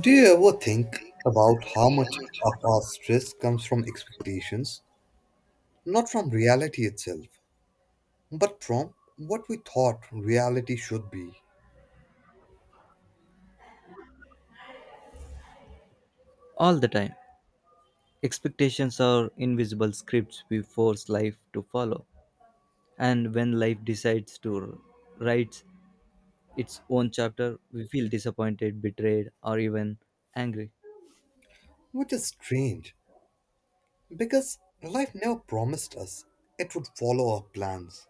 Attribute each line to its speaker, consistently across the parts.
Speaker 1: Do you ever think about how much of our stress comes from expectations, not from reality itself, but from what we thought reality should be?
Speaker 2: All the time. Expectations are invisible scripts we force life to follow. And when life decides to write its own chapter, we feel disappointed, betrayed, or even angry.
Speaker 1: Which is strange, because life never promised us it would follow our plans.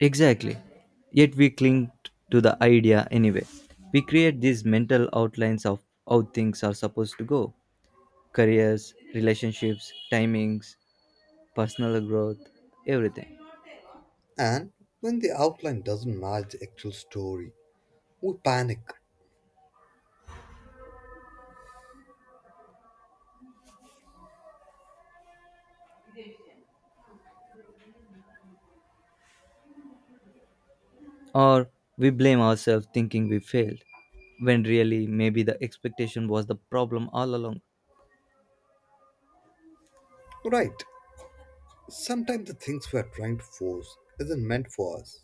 Speaker 2: Exactly. Yet we cling to the idea anyway. We create these mental outlines of how things are supposed to go careers, relationships, timings, personal growth, everything.
Speaker 1: And when the outline doesn't match the actual story, we panic.
Speaker 2: Or we blame ourselves thinking we failed, when really maybe the expectation was the problem all along.
Speaker 1: Right, sometimes the things we are trying to force isn't meant for us,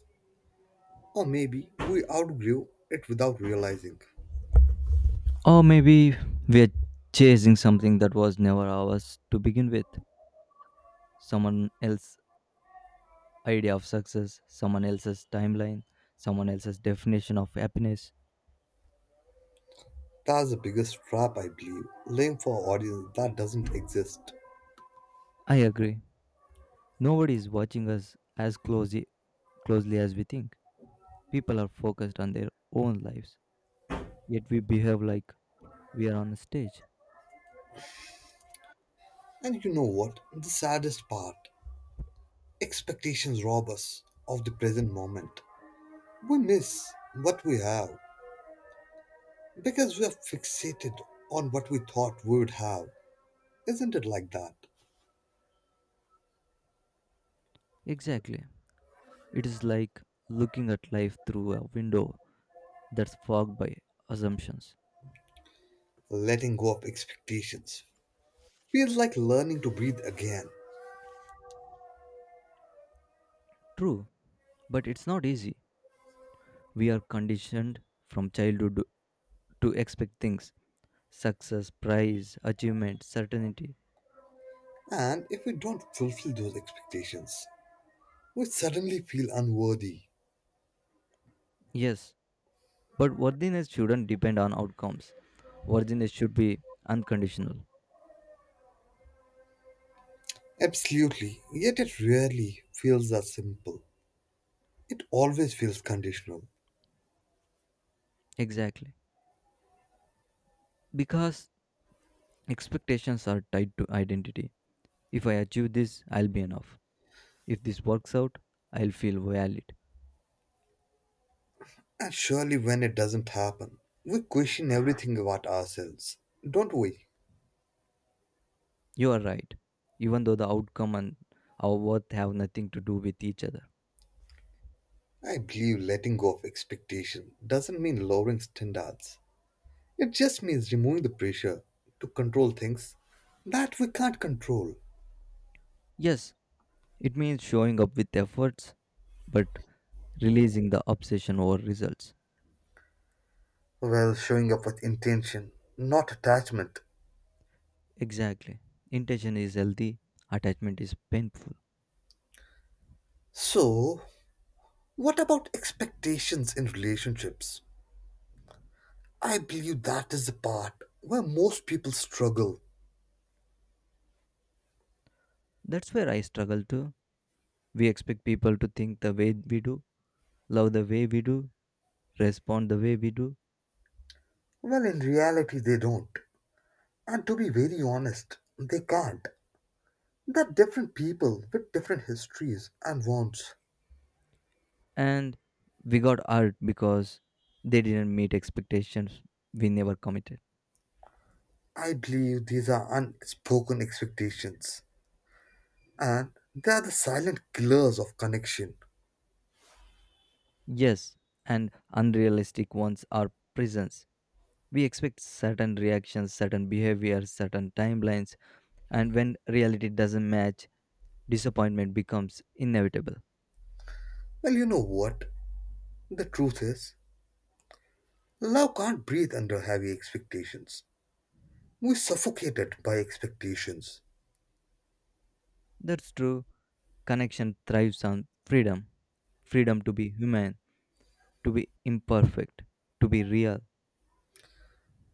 Speaker 1: or maybe we outgrew it without realizing.
Speaker 2: Or maybe we're chasing something that was never ours to begin with. Someone else's idea of success, someone else's timeline, someone else's definition of happiness.
Speaker 1: That's the biggest trap, I believe. Living for audience that doesn't exist.
Speaker 2: I agree. Nobody is watching us as closely as we think. People are focused on their own lives, yet we behave like we are on a stage.
Speaker 1: And you know what? The saddest part expectations rob us of the present moment. We miss what we have because we are fixated on what we thought we would have. Isn't it like that?
Speaker 2: Exactly. It is like looking at life through a window that's fogged by assumptions.
Speaker 1: Letting go of expectations feels like learning to breathe again.
Speaker 2: True, but it's not easy. We are conditioned from childhood to expect things success, prize, achievement, certainty.
Speaker 1: And if we don't fulfill those expectations, we suddenly feel unworthy.
Speaker 2: Yes, but worthiness shouldn't depend on outcomes. Worthiness should be unconditional.
Speaker 1: Absolutely, yet it rarely feels that simple. It always feels conditional.
Speaker 2: Exactly. Because expectations are tied to identity. If I achieve this, I'll be enough. If this works out, I'll feel valid.
Speaker 1: And surely when it doesn't happen, we question everything about ourselves, don't we?
Speaker 2: You are right, even though the outcome and our worth have nothing to do with each other.
Speaker 1: I believe letting go of expectation doesn't mean lowering standards. It just means removing the pressure to control things that we can't control
Speaker 2: Yes, it means showing up with efforts, but releasing the obsession over results.
Speaker 1: while showing up with intention, not attachment.
Speaker 2: Exactly. Intention is healthy, attachment is painful.
Speaker 1: So, what about expectations in relationships? I believe that is the part where most people struggle,
Speaker 2: That's where I struggle too. We expect people to think the way we do, love the way we do, respond the way we do,
Speaker 1: when in reality they don't. And to be very honest, they can't. They're different people with different histories and wants.
Speaker 2: and we got hurt because they didn't meet expectations we never committed.
Speaker 1: I believe these are unspoken expectations. And they are the silent killers of connection.
Speaker 2: Yes, and unrealistic ones are prisons. We expect certain reactions, certain behaviors, certain timelines, and when reality doesn't match, disappointment becomes inevitable.
Speaker 1: Well, you know what? The truth is, love can't breathe under heavy expectations. We suffocate it by expectations.
Speaker 2: That's true. Connection thrives on freedom freedom to be human, to be imperfect, to be real.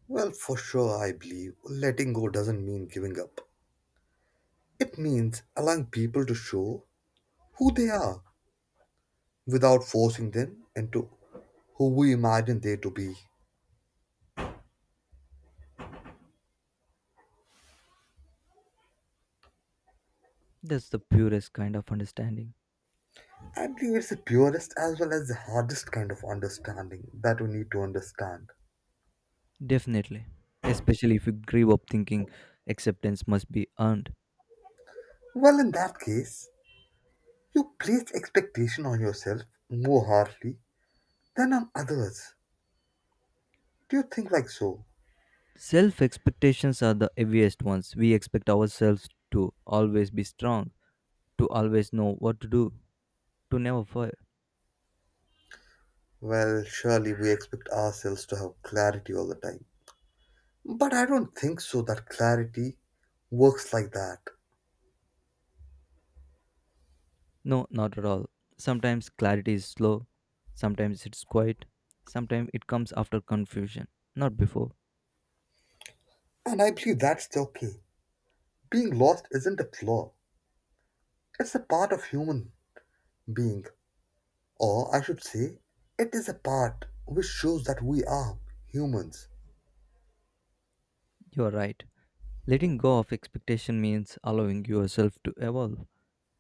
Speaker 1: Well, for sure, I believe letting go doesn't mean giving up. It means allowing people to show who they are without forcing them into who we imagine they to be.
Speaker 2: That's the purest kind of understanding.
Speaker 1: I believe it's the purest as well as the hardest kind of understanding that we need to understand.
Speaker 2: Definitely. Especially if you grew up thinking acceptance must be earned.
Speaker 1: Well, in that case, you place expectation on yourself more harshly than on others. Do you think like so?
Speaker 2: Self expectations are the heaviest ones. We expect ourselves to always be strong, to always know what to do, to never fail.
Speaker 1: Well, surely we expect ourselves to have clarity all the time. But I don't think so that clarity works like that.
Speaker 2: No, not at all. Sometimes clarity is slow, sometimes it's quiet, sometimes it comes after confusion, not before.
Speaker 1: And I believe that's okay. Being lost isn't a flaw, it's a part of human being. Or I should say, it is a part which shows that we are humans.
Speaker 2: You are right. Letting go of expectation means allowing yourself to evolve,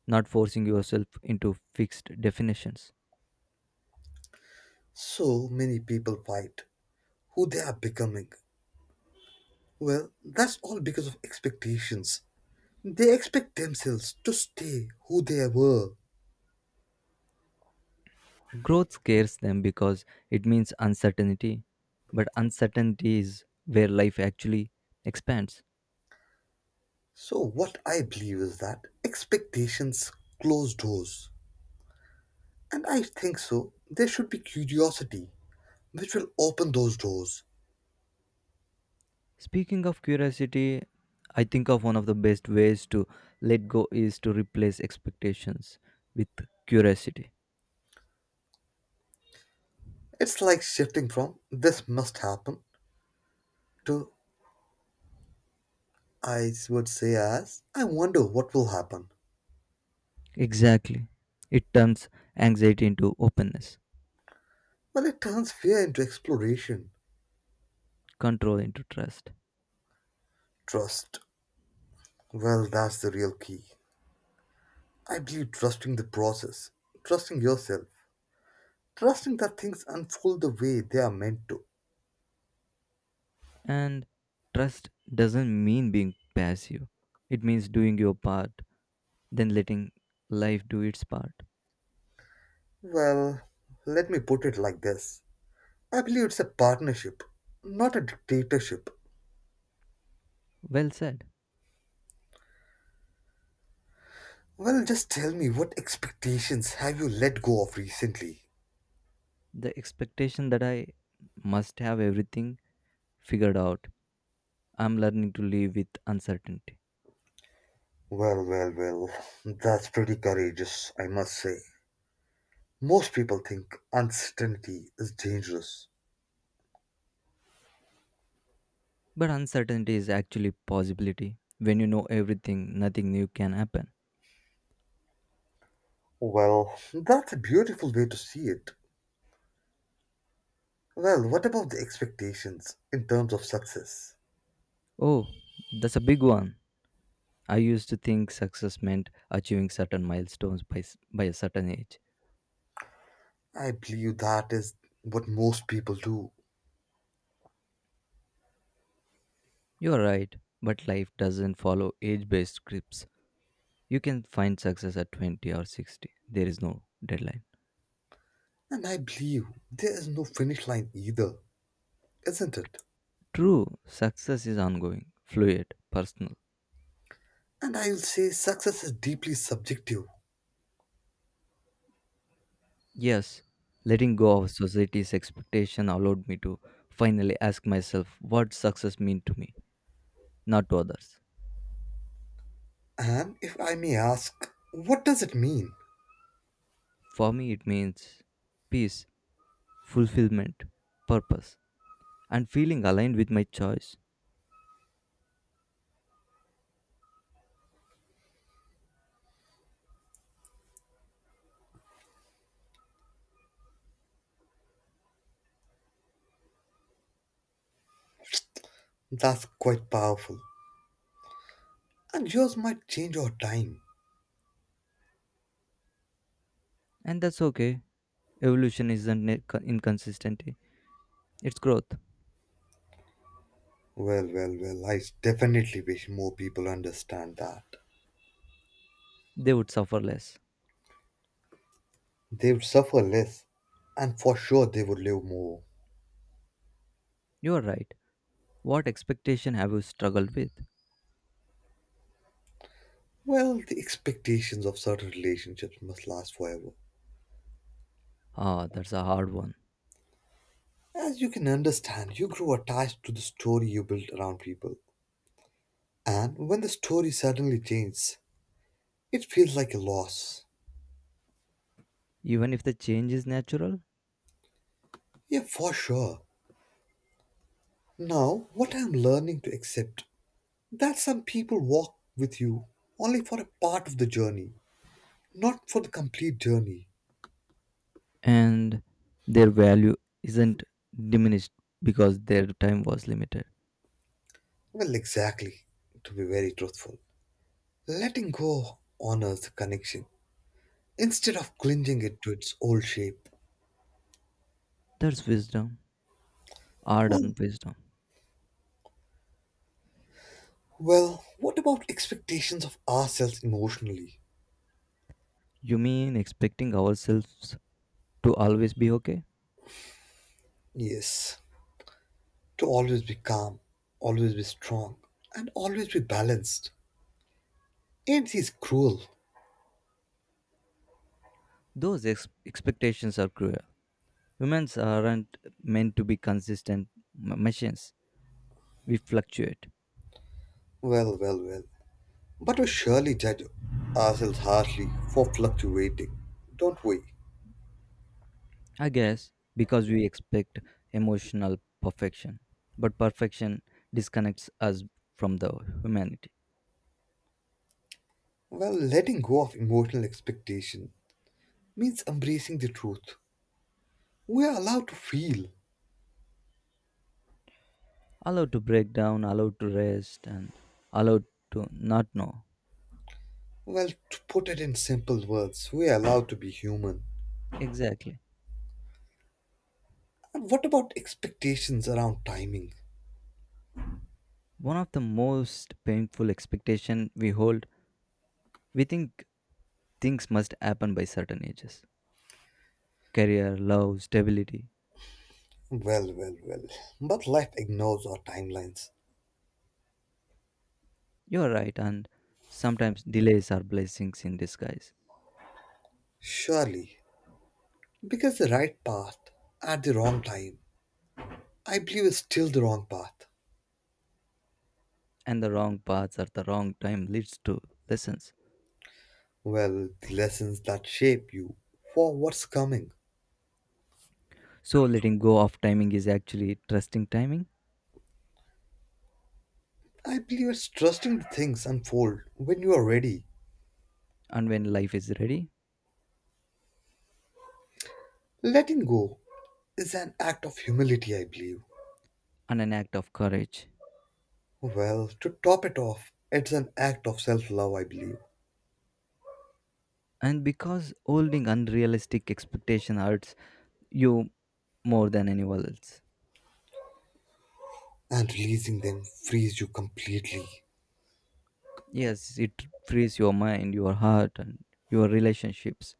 Speaker 2: not forcing yourself into fixed definitions.
Speaker 1: So many people fight who they are becoming. Well, that's all because of expectations. They expect themselves to stay who they were.
Speaker 2: Growth scares them because it means uncertainty, but uncertainty is where life actually expands.
Speaker 1: So, what I believe is that expectations close doors. And I think so, there should be curiosity, which will open those doors.
Speaker 2: Speaking of curiosity, I think of one of the best ways to let go is to replace expectations with curiosity.
Speaker 1: It's like shifting from this must happen to I would say as I wonder what will happen.
Speaker 2: Exactly. It turns anxiety into openness,
Speaker 1: Well, it turns fear into exploration.
Speaker 2: control into trust.
Speaker 1: Trust. Well, that's the real key. I believe trusting the process, trusting yourself, trusting that things unfold the way they are meant to.
Speaker 2: And trust doesn't mean being passive, it means doing your part, then letting life do its part.
Speaker 1: Well, let me put it like this I believe it's a partnership, not a dictatorship.
Speaker 2: Well said.
Speaker 1: Well, just tell me what expectations have you let go of recently?
Speaker 2: The expectation that I must have everything figured out. I'm learning to live with uncertainty.
Speaker 1: Well, well, well, that's pretty courageous, I must say. Most people think uncertainty is dangerous.
Speaker 2: But uncertainty is actually possibility. When you know everything, nothing new can happen.
Speaker 1: Well, that's a beautiful way to see it. Well, what about the expectations in terms of success?
Speaker 2: Oh, that's a big one. I used to think success meant achieving certain milestones by a certain age.
Speaker 1: I believe that is what most people do.
Speaker 2: You're right, but life doesn't follow age based scripts. You can find success at 20 or 60. There is no deadline.
Speaker 1: And I believe there is no finish line either, isn't it?
Speaker 2: True, success is ongoing, fluid, personal.
Speaker 1: And I'll say success is deeply subjective.
Speaker 2: Yes, letting go of society's expectation allowed me to finally ask myself what success means to me, not to others.
Speaker 1: And if I may ask, what does it mean?
Speaker 2: For me, it means peace, fulfillment, purpose, and feeling aligned with my choice.
Speaker 1: That's quite powerful. And yours might change over time.
Speaker 2: And that's okay. Evolution isn't inconsistency, it's growth.
Speaker 1: Well, well, well, I definitely wish more people understand that.
Speaker 2: They would suffer less.
Speaker 1: They would suffer less, and for sure they would live more.
Speaker 2: You are right. What expectation have you struggled with?
Speaker 1: Well, the expectations of certain relationships must last forever.
Speaker 2: Ah, that's a hard one.
Speaker 1: As you can understand, you grow attached to the story you built around people. And when the story suddenly changes, it feels like a loss.
Speaker 2: Even if the change is natural,
Speaker 1: Yeah, for sure. Now, what I'm learning to accept that some people walk with you only for a part of the journey, not for the complete journey.
Speaker 2: and their value isn't diminished because their time was limited.
Speaker 1: Well, exactly, to be very truthful. Letting go honors the connection instead of clinging it to its old shape.
Speaker 2: That's wisdom, art
Speaker 1: Well,
Speaker 2: and wisdom.
Speaker 1: well, what about expectations of ourselves emotionally?
Speaker 2: You mean expecting ourselves to always be okay?
Speaker 1: Yes, to always be calm, always be strong, and always be balanced. Ain't these cruel?
Speaker 2: Those expectations are cruel. Humans aren't meant to be consistent machines. We fluctuate,
Speaker 1: Well, well, well. But we surely judge ourselves harshly for fluctuating, don't we?
Speaker 2: I guess, because we expect emotional perfection. But perfection disconnects us from the humanity.
Speaker 1: Well, letting go of emotional expectation means embracing the truth. We are allowed to feel.
Speaker 2: Allowed to break down, allowed to rest, and allowed to not know.
Speaker 1: Well, to put it in simple words, we are allowed to be human.
Speaker 2: Exactly.
Speaker 1: And what about expectations around timing?
Speaker 2: One of the most painful expectation we hold, we think things must happen by certain ages. Career, love, stability.
Speaker 1: Well, well, well. But life ignores our timelines.
Speaker 2: You're right, and sometimes delays are blessings in disguise,
Speaker 1: Surely, because the right path at the wrong time, I believe is still the wrong path.
Speaker 2: and the wrong paths at the wrong time leads to lessons.
Speaker 1: Well, the lessons that shape you for what's coming.
Speaker 2: So letting go of timing is actually trusting timing,
Speaker 1: I believe it's trusting the things unfold when you are ready.
Speaker 2: and when life is ready,
Speaker 1: Letting go is an act of humility, I believe.
Speaker 2: and an act of courage.
Speaker 1: Well, to top it off, it's an act of self love, I believe.
Speaker 2: And because holding unrealistic expectation hurts you more than anyone else.
Speaker 1: And releasing them frees you completely.
Speaker 2: Yes, it frees your mind, your heart, and your relationships,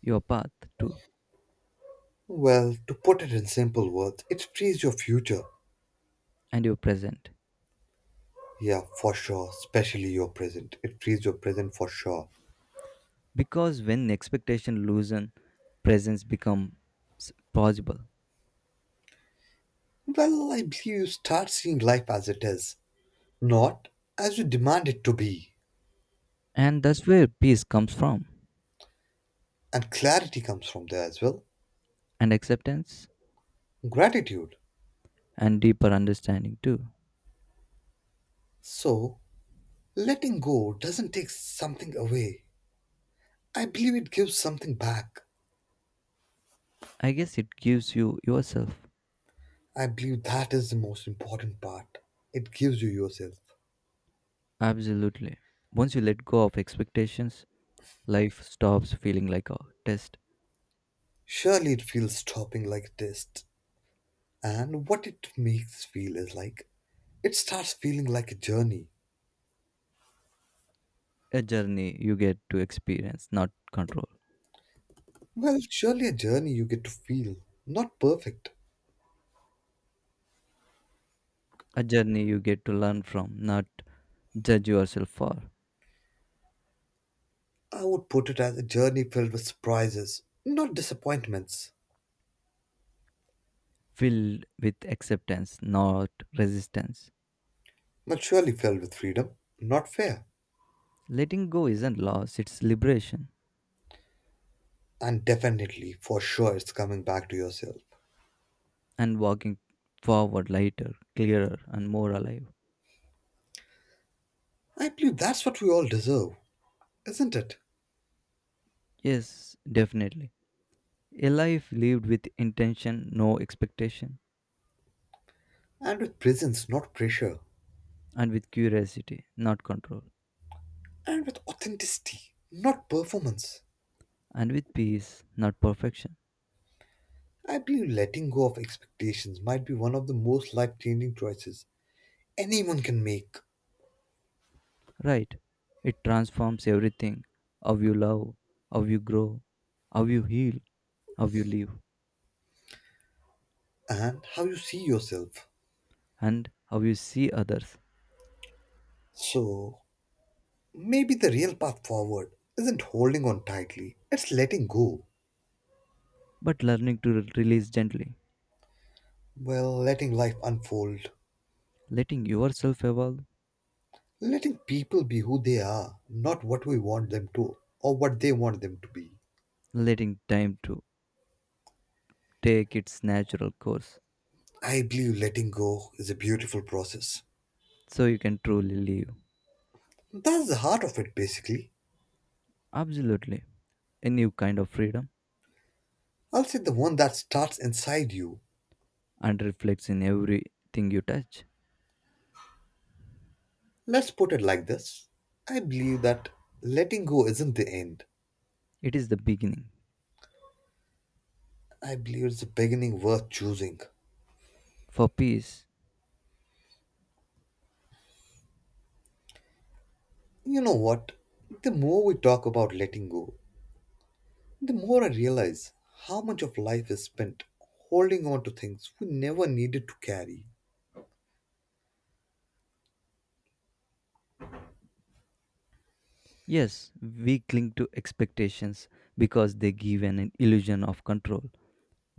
Speaker 2: your path too,
Speaker 1: Well, to put it in simple words, it frees your future.
Speaker 2: and your present.
Speaker 1: Yeah, for sure, especially your present. It frees your present for sure.
Speaker 2: Because when expectation loosen, presence becomes possible.
Speaker 1: Well, I believe you start seeing life as it is, not as you demand it to be.
Speaker 2: And that's where peace comes from,
Speaker 1: And clarity comes from there as well.
Speaker 2: and acceptance,
Speaker 1: Gratitude.
Speaker 2: and deeper understanding too.
Speaker 1: So, letting go doesn't take something away. I believe it gives something back.
Speaker 2: I guess it gives you yourself.
Speaker 1: I believe that is the most important part. It gives you yourself.
Speaker 2: Absolutely. Once you let go of expectations, life stops feeling like a test.
Speaker 1: Surely it feels stopping like a test. And what it makes feel is like it starts feeling like a journey.
Speaker 2: A journey you get to experience, not control.
Speaker 1: Well, surely a journey you get to feel, not perfect.
Speaker 2: A journey you get to learn from, not judge yourself for.
Speaker 1: I would put it as a journey filled with surprises, not disappointments,
Speaker 2: Filled with acceptance, not resistance.
Speaker 1: but surely filled with freedom, not fear.
Speaker 2: Letting go isn't loss, it's liberation.
Speaker 1: And definitely, for sure, it's coming back to yourself.
Speaker 2: And walking forward lighter, clearer, and more alive.
Speaker 1: I believe that's what we all deserve, isn't it?
Speaker 2: Yes, definitely. A life lived with intention, no expectation,
Speaker 1: And with presence, not pressure.
Speaker 2: and with curiosity, not control,
Speaker 1: And with authenticity, not performance.
Speaker 2: and with peace, not perfection.
Speaker 1: I believe letting go of expectations might be one of the most life changing choices anyone can make,
Speaker 2: Right? It transforms everything how you love, how you grow, how you heal, how you live,
Speaker 1: and how you see yourself.
Speaker 2: and how you see others.
Speaker 1: So, maybe the real path forward isn't holding on tightly, it's letting go.
Speaker 2: But learning to release gently,
Speaker 1: Well, letting life unfold,
Speaker 2: letting yourself evolve,
Speaker 1: letting people be who they are, not what we want them to or what they want them to be.
Speaker 2: letting time to take its natural course
Speaker 1: I believe letting go is a beautiful process.
Speaker 2: so you can truly live.
Speaker 1: That's the heart of it, basically.
Speaker 2: Absolutely. A new kind of freedom
Speaker 1: I'll say the one that starts inside you.
Speaker 2: and reflects in everything you touch.
Speaker 1: Let's put it like this I believe that letting go isn't the end,
Speaker 2: It is the beginning.
Speaker 1: I believe it's the beginning worth choosing.
Speaker 2: For peace,
Speaker 1: You know what? The more we talk about letting go, the more I realize how much of life is spent holding on to things we never needed to carry.
Speaker 2: yes, we cling to expectations because they give an illusion of control.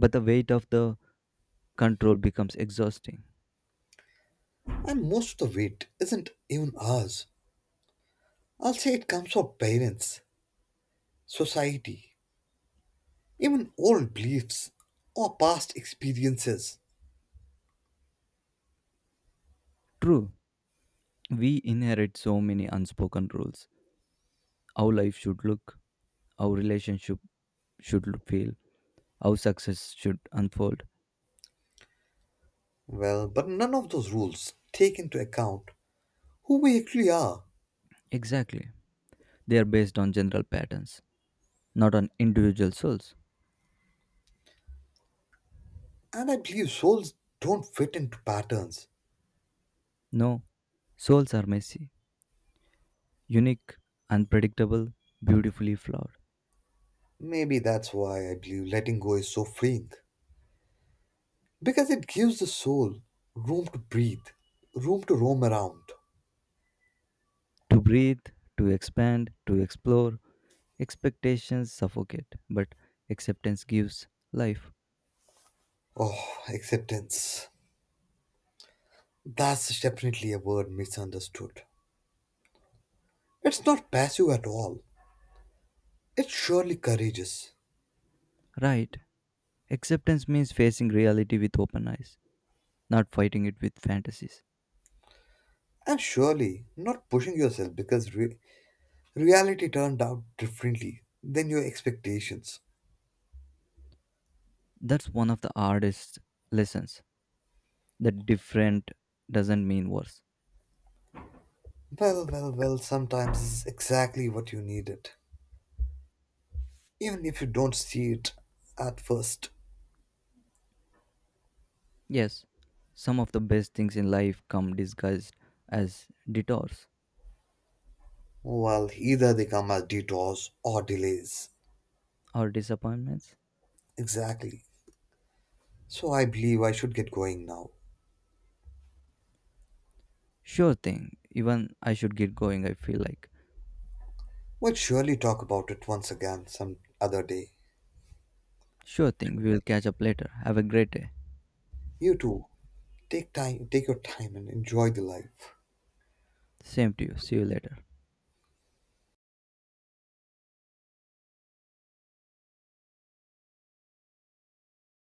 Speaker 2: But the weight of the control becomes exhausting.
Speaker 1: And most of the weight isn't even ours. I'll say it comes from parents, society, even old beliefs or past experiences.
Speaker 2: True, we inherit so many unspoken rules. How life should look, how relationship should feel, how success should unfold.
Speaker 1: Well, but none of those rules take into account who we actually are.
Speaker 2: Exactly. They are based on general patterns, not on individual souls.
Speaker 1: And I believe souls don't fit into patterns.
Speaker 2: No, souls are messy, unique, unpredictable, beautifully flawed.
Speaker 1: Maybe that's why I believe letting go is so freeing. Because it gives the soul room to breathe, room to roam around.
Speaker 2: To breathe, to expand, to explore, expectations suffocate, but acceptance gives life.
Speaker 1: Oh, acceptance. That's definitely a word misunderstood. It's not passive at all. It's surely courageous.
Speaker 2: Right. Acceptance means facing reality with open eyes, not fighting it with fantasies.
Speaker 1: And surely not pushing yourself because reality turned out differently than your expectations.
Speaker 2: That's one of the hardest lessons that different doesn't mean worse.
Speaker 1: Well, well, well, sometimes it's exactly what you needed, even if you don't see it at first.
Speaker 2: Yes, some of the best things in life come disguised as detours
Speaker 1: Well, either they come as detours or delays.
Speaker 2: or disappointments.
Speaker 1: Exactly. So I believe I should get going now.
Speaker 2: Sure thing, even I should get going, I feel like.
Speaker 1: We'll surely talk about it once again some other day.
Speaker 2: Sure thing, we will catch up later. Have a great day.
Speaker 1: You too. Take your time and enjoy the life.
Speaker 2: Same to you, see you later.